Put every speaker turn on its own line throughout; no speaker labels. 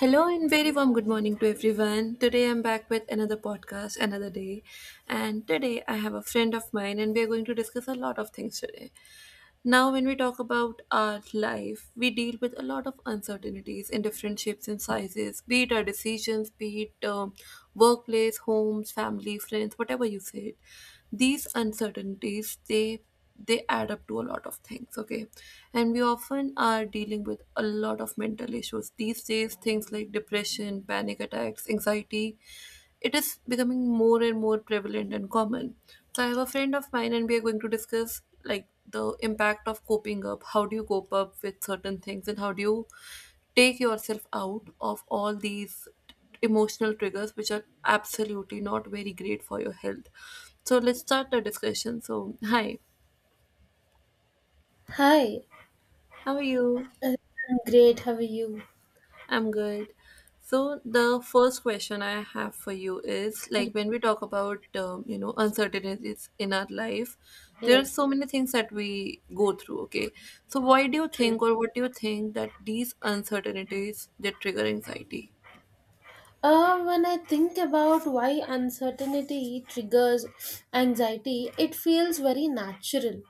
Hello and very warm good morning to everyone. Today I'm back with another podcast, another day. And today I have a friend of mine, and we are going to discuss a lot of things today. Now, when we talk about our life, we deal with a lot of uncertainties in different shapes and sizes, be it our decisions, be it workplace, homes, family, friends, whatever you say. These uncertainties, they add up to a lot of things, okay? And we often are dealing with a lot of mental issues these days, things like depression, panic attacks, anxiety. It is becoming more and more prevalent and common. So I have a friend of mine, and we are going to discuss like the impact of coping up. How do you cope up with certain things, and how do you take yourself out of all these emotional triggers, which are absolutely not very great for your health? So let's start the discussion. So hi,
Hi,
how are you?
I'm great. How are you?
I'm good. So the first question I have for you is
Y-
like when we talk about uncertainties in our life, there are
Yes,
so many things that we go through. Okay, so why do you
true.
think or what do you think that these uncertainties they trigger anxiety?
When I think about why uncertainty triggers anxiety, it feels very natural,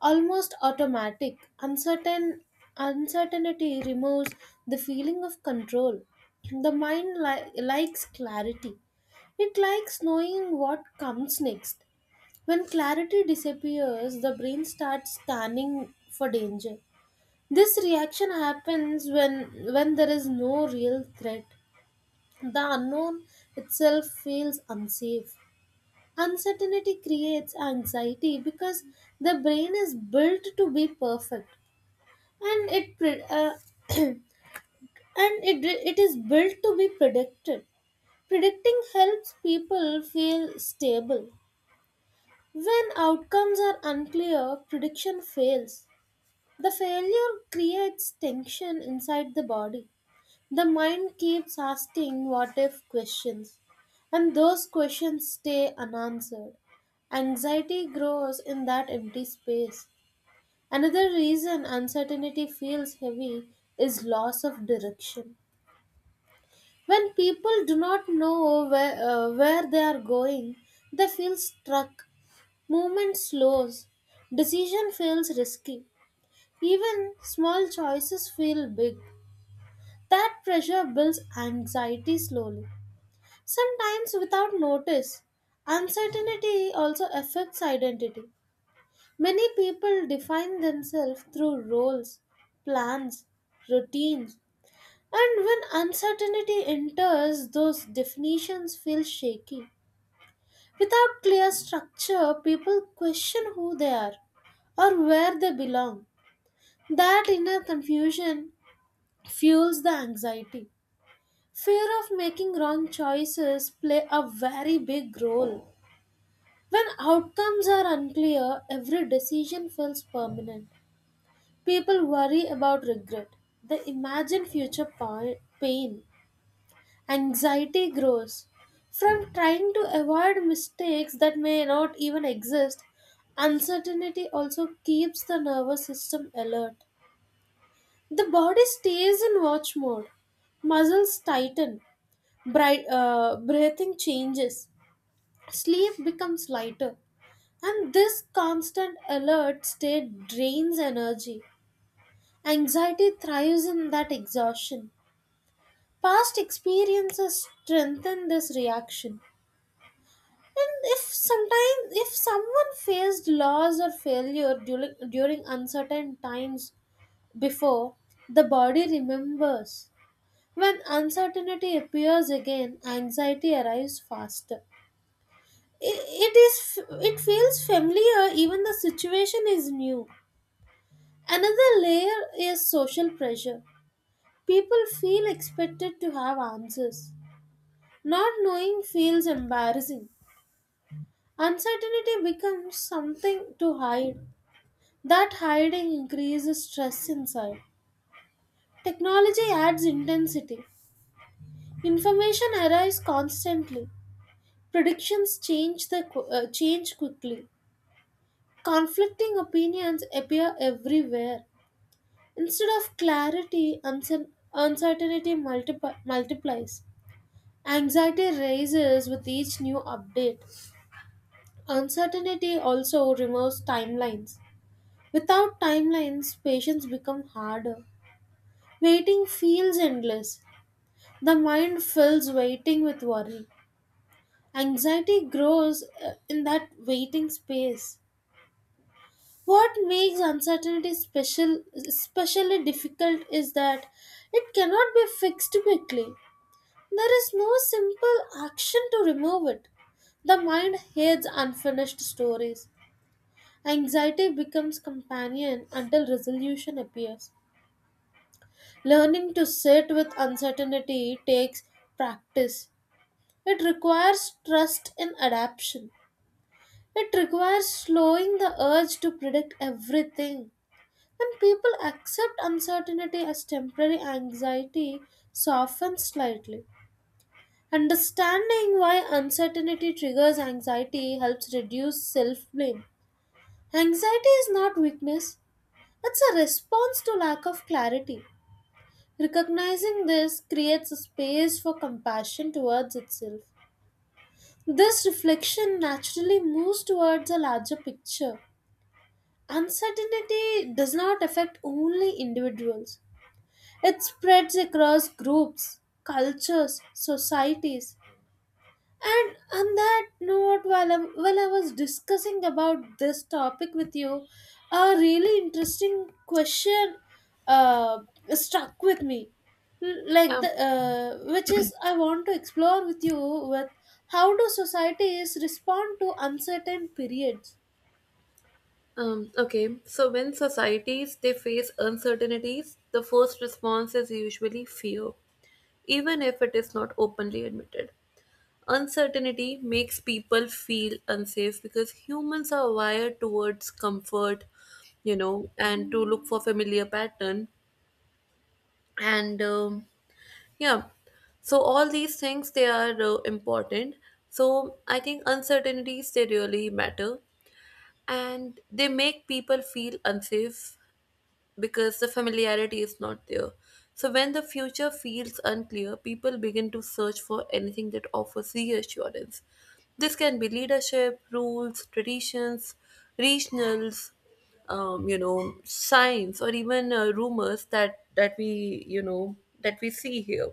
almost automatic. Uncertainty removes the feeling of control. The mind likes clarity. It likes knowing what comes next. When clarity disappears, the brain starts scanning for danger. This reaction happens when there is no real threat. The unknown itself feels unsafe. Uncertainty creates anxiety because the brain is built to be perfect, and it pre- uh, and it is built to be predicted. Predicting helps people feel stable. When outcomes are unclear, prediction fails. The failure creates tension inside the body. The mind keeps asking what if questions, and those questions stay unanswered. Anxiety grows in that empty space. Another reason uncertainty feels heavy is loss of direction. When people do not know where they are going, they feel stuck. Movement slows. Decision feels risky. Even small choices feel big. That pressure builds anxiety slowly. Sometimes without notice, uncertainty also affects identity. Many people define themselves through roles, plans, routines, and when uncertainty enters, those definitions feel shaky. Without clear structure, people question who they are or where they belong. That inner confusion fuels the anxiety. Fear of making wrong choices play a very big role. When outcomes are unclear, every decision feels permanent. People worry about regret. They imagine future pain. Anxiety grows. From trying to avoid mistakes that may not even exist, uncertainty also keeps the nervous system alert. The body stays in watch mode. Muscles tighten. Bright, breathing changes. Sleep becomes lighter. And this constant alert state drains energy. Anxiety thrives in that exhaustion. Past experiences strengthen this reaction. And if sometimes if someone faced loss or failure during uncertain times before, the body remembers. When uncertainty appears again, anxiety arrives faster. I- It is it feels familiar even the situation is new. Another layer is social pressure. People feel expected to have answers. Not knowing feels embarrassing. Uncertainty becomes something to hide. That hiding increases stress inside. Technology adds intensity. Information arrives constantly. Predictions change quickly. Conflicting opinions appear everywhere. Instead of clarity, uncertainty multiplies. Anxiety rises with each new update. Uncertainty also removes timelines. Without timelines, patience becomes harder. Waiting feels endless. The mind fills waiting with worry. Anxiety grows in that waiting space. What makes uncertainty especially difficult is that it cannot be fixed quickly. There is no simple action to remove it. The mind hates unfinished stories. Anxiety becomes companion until resolution appears. Learning to sit with uncertainty takes practice. It requires trust in adaptation. It requires slowing the urge to predict everything. When people accept uncertainty as temporary anxiety, softens slightly. Understanding why uncertainty triggers anxiety helps reduce self blame. Anxiety is not weakness, it's a response to lack of clarity. Recognizing this creates a space for compassion towards itself. This reflection naturally moves towards a larger picture. Uncertainty does not affect only individuals, it spreads across groups, cultures, societies, and on that note, while I was discussing about this topic with you, a really interesting question uh, struck with me. Like
Yeah.
the which is I want to explore with you with how do societies respond to uncertain periods?
Okay. So when societies they face uncertainties, the first response is usually fear, even if it is not openly admitted. Uncertainty makes people feel unsafe because humans are wired towards comfort, and to look for familiar pattern. And yeah, so all these things they are important. So I think uncertainties they really matter, and they make people feel unsafe because the familiarity is not there. So, when the future feels unclear, people begin to search for anything that offers reassurance. This can be leadership, rules, traditions, regionals, signs, or even rumors that we that we see here.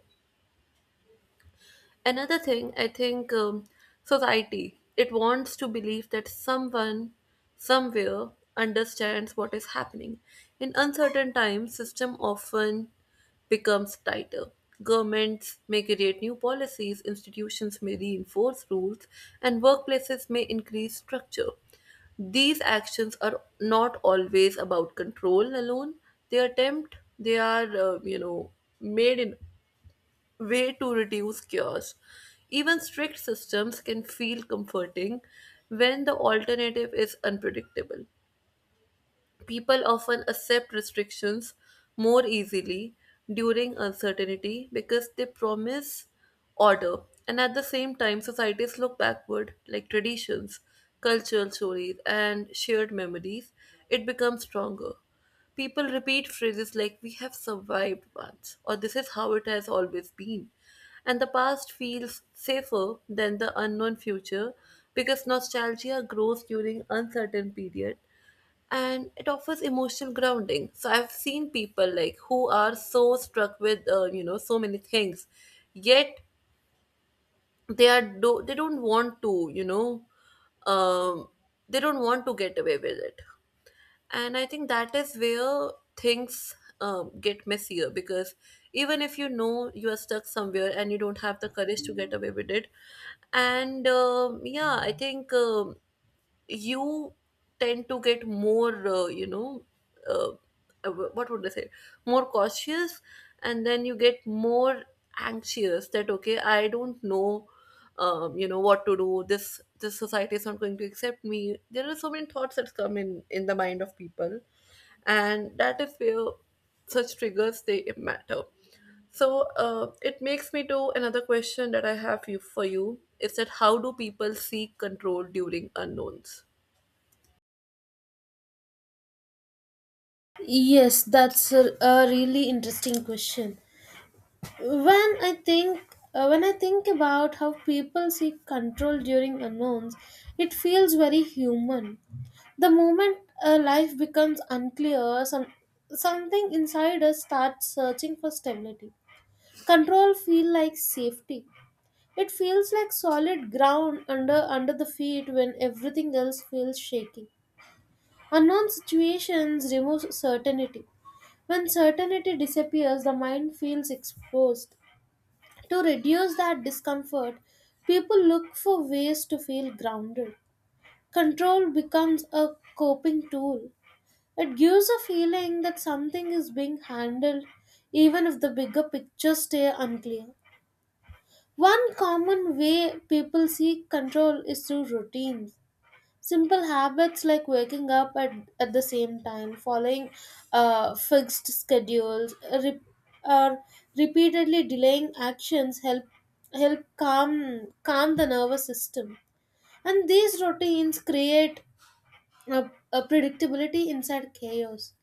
Another thing, I think, society it wants to believe that someone somewhere understands what is happening. In uncertain times, system often becomes tighter. Governments may create new policies, institutions may reinforce rules, and workplaces may increase structure. These actions are not always about control alone. They attempt, they are, made in way to reduce chaos. Even strict systems can feel comforting when the alternative is unpredictable. People often accept restrictions more easily during uncertainty because they promise order. And at the same time, societies look backward, like traditions, cultural stories, and shared memories. It becomes stronger. People repeat phrases like, "We have survived once," or "This is how it has always been." And the past feels safer than the unknown future because nostalgia grows during uncertain period and it offers emotional grounding. So I've seen people like who are so struck with so many things, yet they don't want to, um, they don't want to get away with it. And I think that is where things get messier because even if you know you are stuck somewhere and you don't have the courage to get away with it. And yeah, I think you tend to get more, uh, what would I say, more cautious. And then you get more anxious that, okay, I don't know what to do. This society is not going to accept me. There are so many thoughts that come in the mind of people. And that is where such triggers, they matter. So it makes me to another question that I have you, for you is that how do people seek control during unknowns?
Yes, that's a really interesting question. when i think when I think about how people seek control during unknowns, it feels very human. The moment life becomes unclear, something inside us starts searching for stability. Control feel like safety. It feels like solid ground under the feet when everything else feels shaky. Unknown situations remove certainty. When certainty disappears, the mind feels exposed. To reduce that discomfort, people look for ways to feel grounded. Control becomes a coping tool. It gives a feeling that something is being handled even if the bigger picture stays unclear. One common way people seek control is through routines. Simple habits like waking up at the same time, following fixed schedules, or repeatedly delaying actions help calm the nervous system. And these routines create a predictability inside chaos.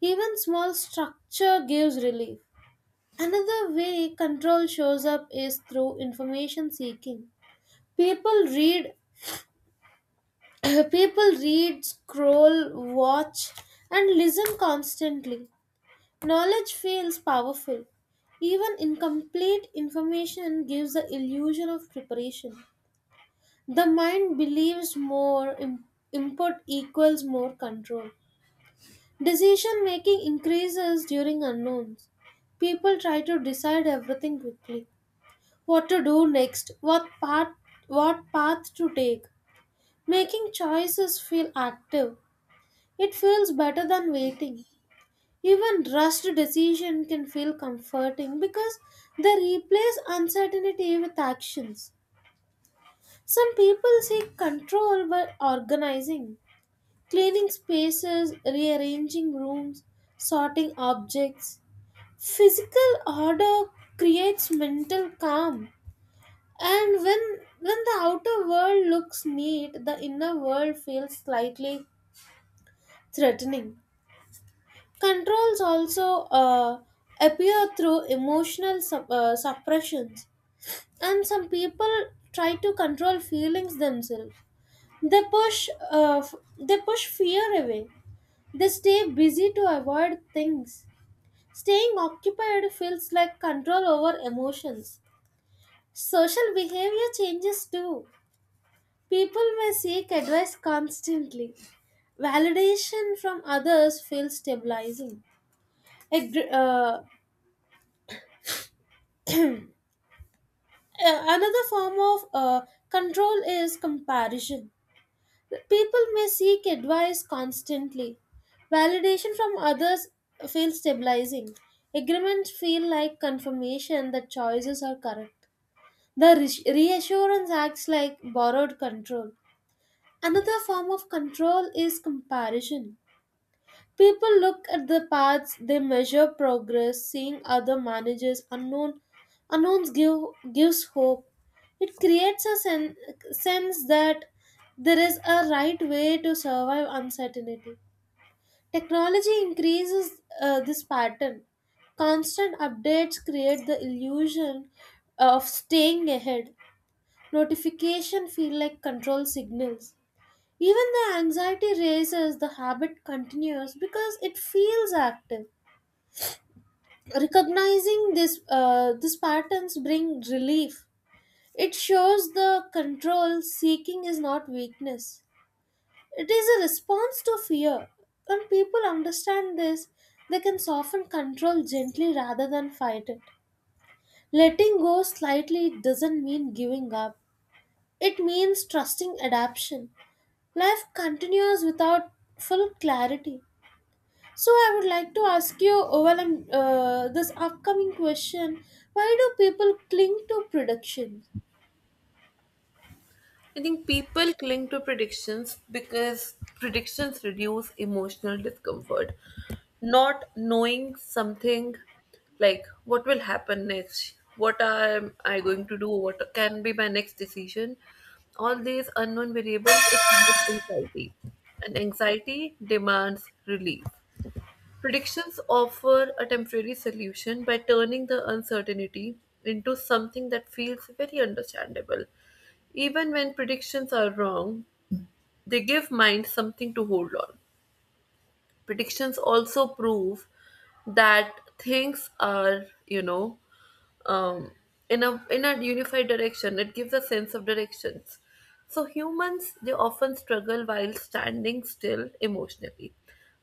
Even small structure gives relief. Another way control shows up is through information seeking. People read People read, scroll, watch, and listen constantly. Knowledge feels powerful. Even incomplete information gives the illusion of preparation. The mind believes input equals more control. Decision making increases during unknowns. People try to decide everything quickly. What to do next, what path to take. Making choices feel active. It feels better than waiting. Even rushed decision can feel comforting because they replace uncertainty with actions. Some people seek control by organizing, cleaning spaces, rearranging rooms, sorting objects. Physical order creates mental calm. And when the outer world looks neat, the inner world feels slightly threatening. Controls also appear through emotional suppressions, and some people try to control feelings themselves. They push fear away. They stay busy to avoid things. Staying occupied feels like control over emotions. Social behavior changes too. People may seek advice constantly. Validation from others feels stabilizing. Agre- another form of Control is comparison. People may seek advice constantly. Validation from others feels stabilizing. Agreements feel like confirmation that choices are correct. The reassurance acts like borrowed control. Another form of control is comparison. People look at the paths, they measure progress, seeing other managers unknown unknowns give gives hope. It creates a sense that there is a right way to survive uncertainty. Technology increases this pattern. Constant updates create the illusion of staying ahead. Notification feel like control signals. Even the anxiety races, the habit continues because it feels active. Recognizing these patterns bring relief. It shows the control seeking is not weakness. It is a response to fear. When people understand this, they can soften control gently rather than fight it. Letting go slightly doesn't mean giving up. It means trusting adaptation. Life continues without full clarity. So I would like to ask you, this upcoming question: why do people cling to predictions?
I think people cling to predictions because predictions reduce emotional discomfort. Not knowing something like what will happen next, what am I going to do, what can be my next decision, all these unknown variables, it creates anxiety. And anxiety demands relief. Predictions offer a temporary solution by turning the uncertainty into something that feels very understandable. Even when predictions are wrong, they give mind something to hold on. Predictions also prove that things are, um, in a unified direction. It gives a sense of directions. So humans they often struggle while standing still emotionally.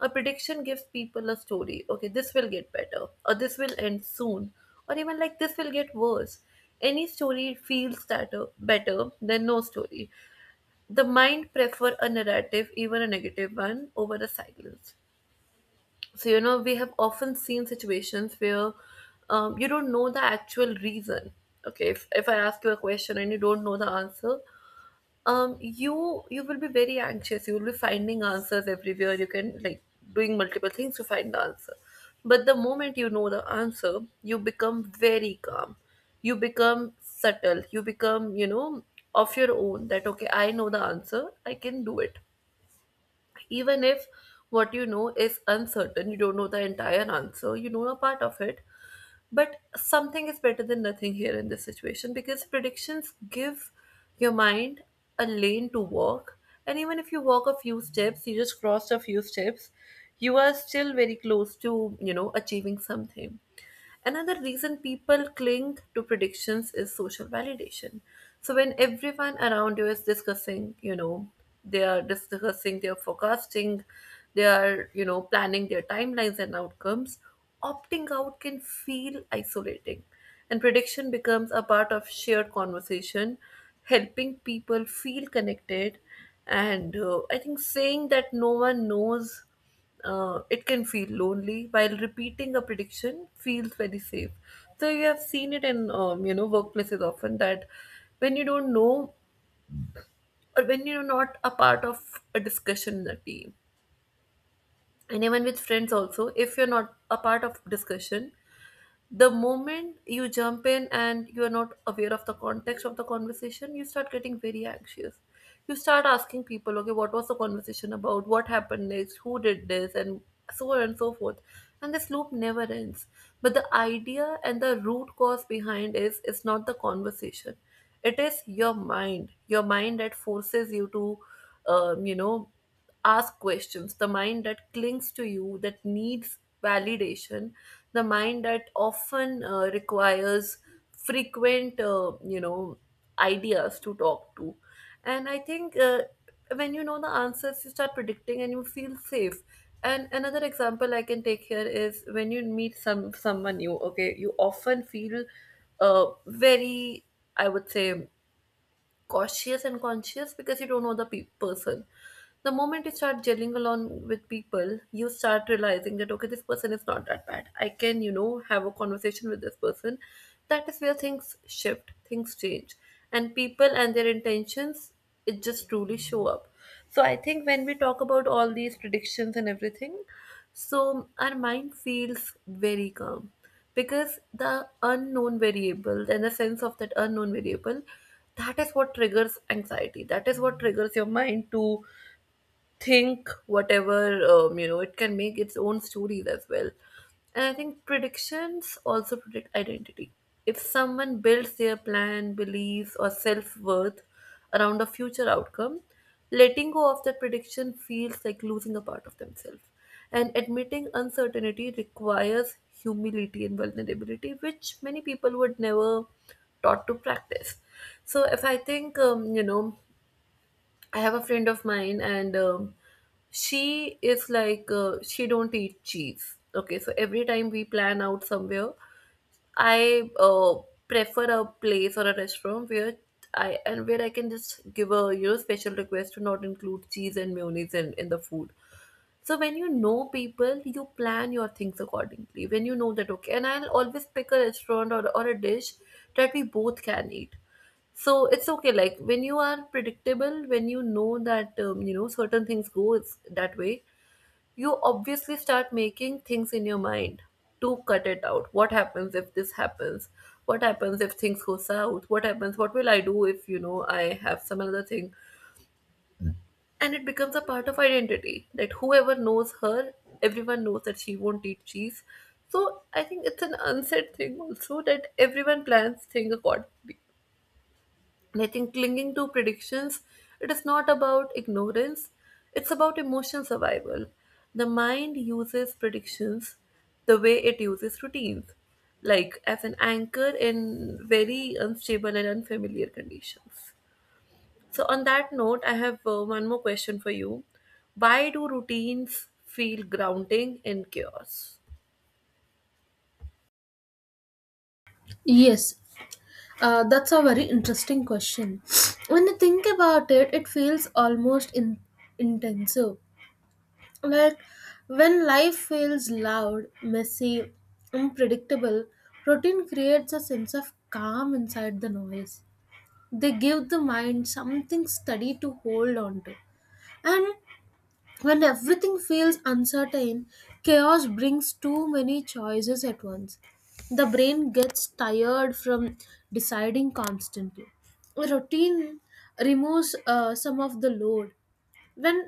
A prediction gives people a story. Okay, this will get better, or this will end soon, or even like this will get worse. Any story feels that better than no story. The mind prefer a narrative, even a negative one, over a silence. So, we have often seen situations where you don't know the actual reason. Okay, if I ask you a question and you don't know the answer, you will be very anxious. You will be finding answers everywhere. You can like doing multiple things to find the answer. But the moment you know the answer, you become very calm. You become subtle. You become, of your own that okay, I know the answer, I can do it even if what you know is uncertain. You don't know the entire answer, you know a part of it, but something is better than nothing here in this situation because predictions give your mind a lane to walk. And even if you walk a few steps, you just crossed a few steps, you are still very close to achieving something. Another reason people cling to predictions is social validation. So when everyone around you is discussing they are discussing, they are forecasting, they are planning their timelines and outcomes, opting out can feel isolating, and prediction becomes a part of shared conversation, helping people feel connected. And I think saying that no one knows, it can feel lonely, while repeating a prediction feels very safe. So you have seen it in workplaces often that when you don't know or when you're not a part of a discussion in a team, and even with friends also, if you're not a part of discussion, the moment you jump in and you are not aware of the context of the conversation, you start getting very anxious. You start asking people, okay, what was the conversation about, what happened next, who did this, and so on and so forth, and this loop never ends. But the idea and the root cause behind is it's not the conversation, it is your mind, your mind that forces you to um, you know ask questions, the mind that clings to you, that needs validation, the mind that often requires frequent, ideas to talk to. And I think, when you know the answers, you start predicting and you feel safe. And another example I can take here is when you meet someone new. Okay, you often feel very, I would say, cautious and conscious because you don't know the person. The moment you start gelling along with people, you start realizing that, okay, this person is not that bad. I can have a conversation with this person. That is where things shift, things change, and people and their intentions, it just truly show up. So I think when we talk about all these predictions and everything, so our mind feels very calm because the unknown variable and the sense of that unknown variable, that is what triggers anxiety, that is what triggers your mind to think whatever. Um, you know it can make its own stories as well. And I think predictions also predict identity. If someone builds their plan, beliefs, or self-worth around a future outcome, letting go of that prediction feels like losing a part of themselves. And admitting uncertainty requires humility and vulnerability, which many people would never taught to practice. So if I think, I have a friend of mine, and she is like she don't eat cheese. Okay, so every time we plan out somewhere, I prefer a place or a restaurant where I and where I can just give a special request to not include cheese and mayonnaise in the food. So when you know people, you plan your things accordingly. When you know that, okay, and I'll always pick a restaurant or a dish that we both can eat. So it's okay. Like when you are predictable, when you know that, certain things goes that way, you obviously start making things in your mind to cut it out. What happens if this happens? What happens if things go south? What happens? What will I do if I have some other thing? And it becomes a part of identity that whoever knows her, everyone knows that she won't eat cheese. So I think it's an unsaid thing also that everyone plans thing accordingly. And I think clinging to predictions, it is not about ignorance, it's about emotional survival. The mind uses predictions the way it uses routines, like as an anchor in very unstable and unfamiliar conditions. So, on that note, I have one more question for you. Why do routines feel grounding in chaos?
Yes, that's a very interesting question. When you think about it, it feels almost intensive. Like when life feels loud, messy, unpredictable, routine creates a sense of calm inside the noise. They give the mind something steady to hold on to. And when everything feels uncertain, chaos brings too many choices at once. The brain gets tired from deciding constantly. Routine removes some of the load. When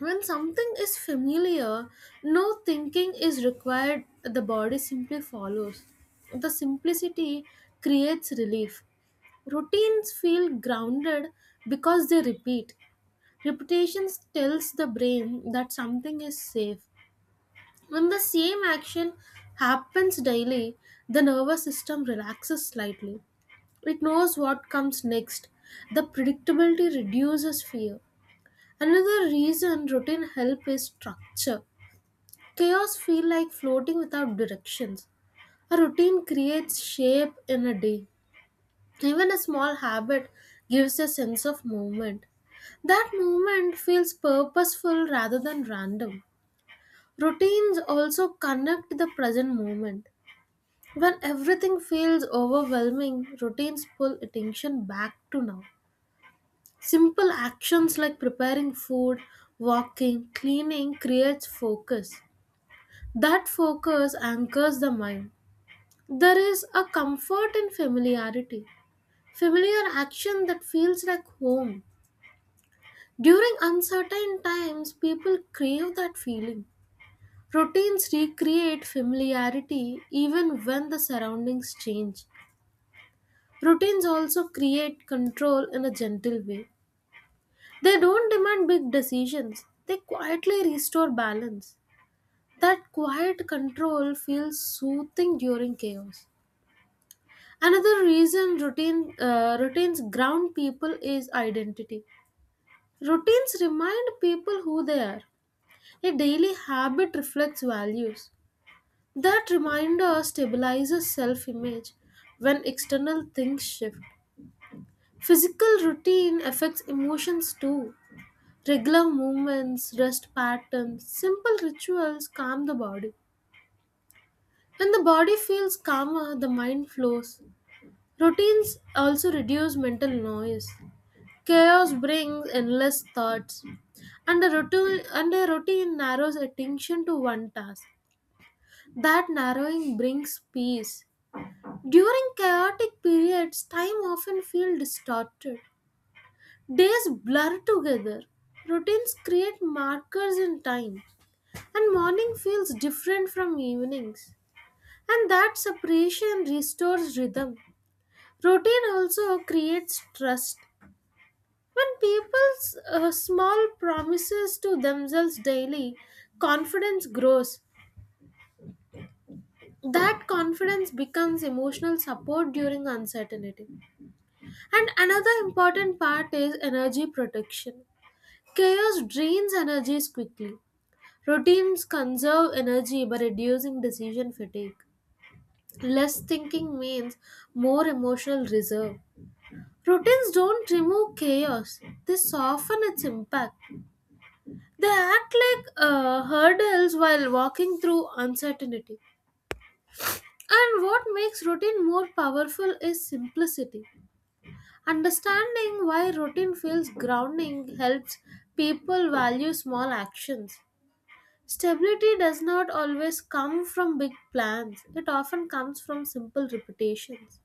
when something is familiar, no thinking is required. The body simply follows. The simplicity creates relief. Routines feel grounded because they repeat. Reputation tells the brain that something is safe. When the same action happens daily, the nervous system relaxes slightly. It knows what comes next. The predictability reduces fear. Another reason routine help is structure. Chaos feel like floating without directions. A routine creates shape in a day. Even a small habit gives a sense of movement. That movement feels purposeful rather than random. Routines also connect the present moment. When everything feels overwhelming, routines pull attention back to now. Simple actions like preparing food, walking, cleaning creates focus. That focus anchors the mind. There is a comfort in familiarity. Familiar action that feels like home. During uncertain times, people crave that feeling. Routines recreate familiarity even when the surroundings change. Routines also create control in a gentle way. They don't demand big decisions, they quietly restore balance. That quiet control feels soothing during chaos. Another reason routines ground people is identity. Routines remind people who they are. A daily habit reflects values. That reminder stabilizes self image when external things shift. Physical routine affects emotions too. Regular movements, rest patterns, simple rituals calm the body. When the body feels calmer, the mind flows. Routines also reduce mental noise. Chaos brings endless thoughts, and a routine narrows attention to one task. That narrowing brings peace. During chaotic periods, time often feels distorted. Days blur together. Routines create markers in time, and morning feels different from evenings. And that separation restores rhythm. Routine also creates trust. When people's small promises to themselves daily, confidence grows. That confidence becomes emotional support during uncertainty. And another important part is energy protection. Chaos drains energies quickly. Routines conserve energy by reducing decision fatigue. Less thinking means more emotional reserve. Routines don't remove chaos, they soften its impact. They act like hurdles while walking through uncertainty. And what makes routine more powerful is simplicity. Understanding why routine feels grounding helps people value small actions. Stability does not always come from big plans, it often comes from simple repetitions.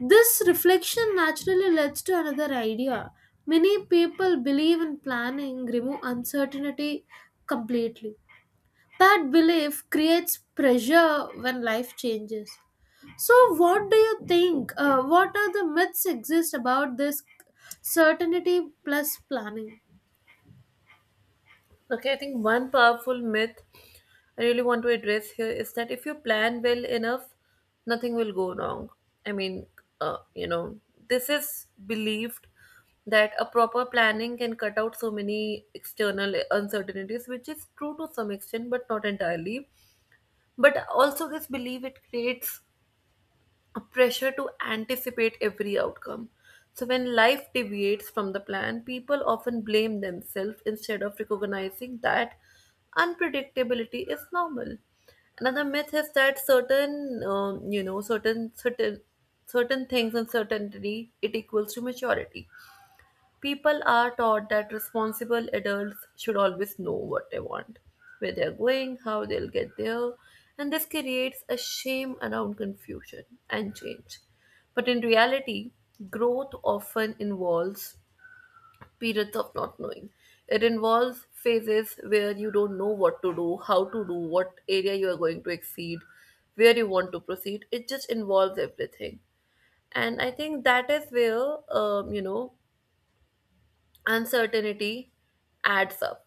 This reflection naturally leads to another idea. Many people believe in planning remove uncertainty completely. That belief creates pressure when life changes. So, what do you think? What are the myths exist about this certainty plus planning?
Okay, I think one powerful myth I really want to address here is that if you plan well enough, nothing will go wrong. I mean, uh, you know, this is believed that a proper planning can cut out so many external uncertainties, which is true to some extent, but not entirely. But also, this belief it creates a pressure to anticipate every outcome. So, when life deviates from the plan, people often blame themselves instead of recognizing that unpredictability is normal. Another myth is that certain, you know, certain certain certain things and certainty it equals to maturity. People are taught that responsible adults should always know what they want, where they're going, how they'll get there, and this creates a shame around confusion and change. But in reality, growth often involves periods of not knowing. It involves phases where you don't know what to do, how to do, what area you are going to exceed, where you want to proceed. It just involves everything. And I think that is where, um, you know, uncertainty adds up.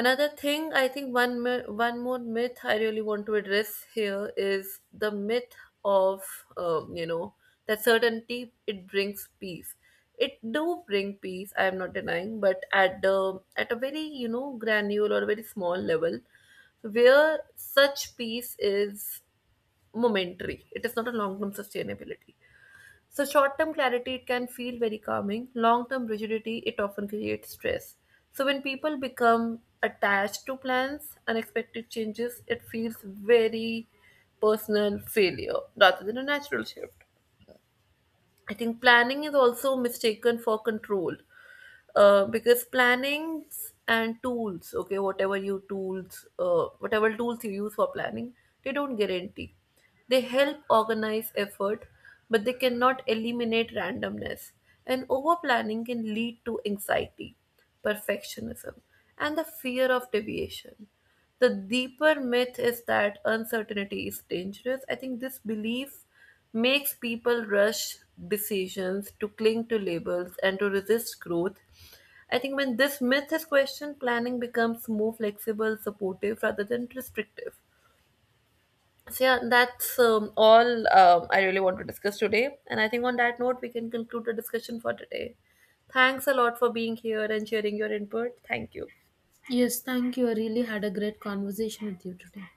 Another thing I think, one more myth I really want to address here is the myth of, that certainty it brings peace. It do bring peace, I am not denying, but at the at a very granular or very small level, where such peace is momentary, it is not a long term sustainability. So, short term clarity, it can feel very calming. Long term rigidity, it often creates stress. So, when people become attached to plans, unexpected changes, it feels very personal failure rather than a natural shift. I think planning is also mistaken for control, because plannings and tools, okay, whatever tools you use for planning, they don't guarantee. They help organize effort, but they cannot eliminate randomness. And over planning can lead to anxiety, perfectionism, and the fear of deviation. The deeper myth is that uncertainty is dangerous. I think this belief makes people rush decisions, to cling to labels, and to resist growth. I think when this myth is questioned, planning becomes more flexible, supportive rather than restrictive. So, yeah, that's all I really want to discuss today. And I think on that note, we can conclude the discussion for today. Thanks a lot for being here and sharing your input. Thank you.
Yes, thank you. I really had a great conversation with you today.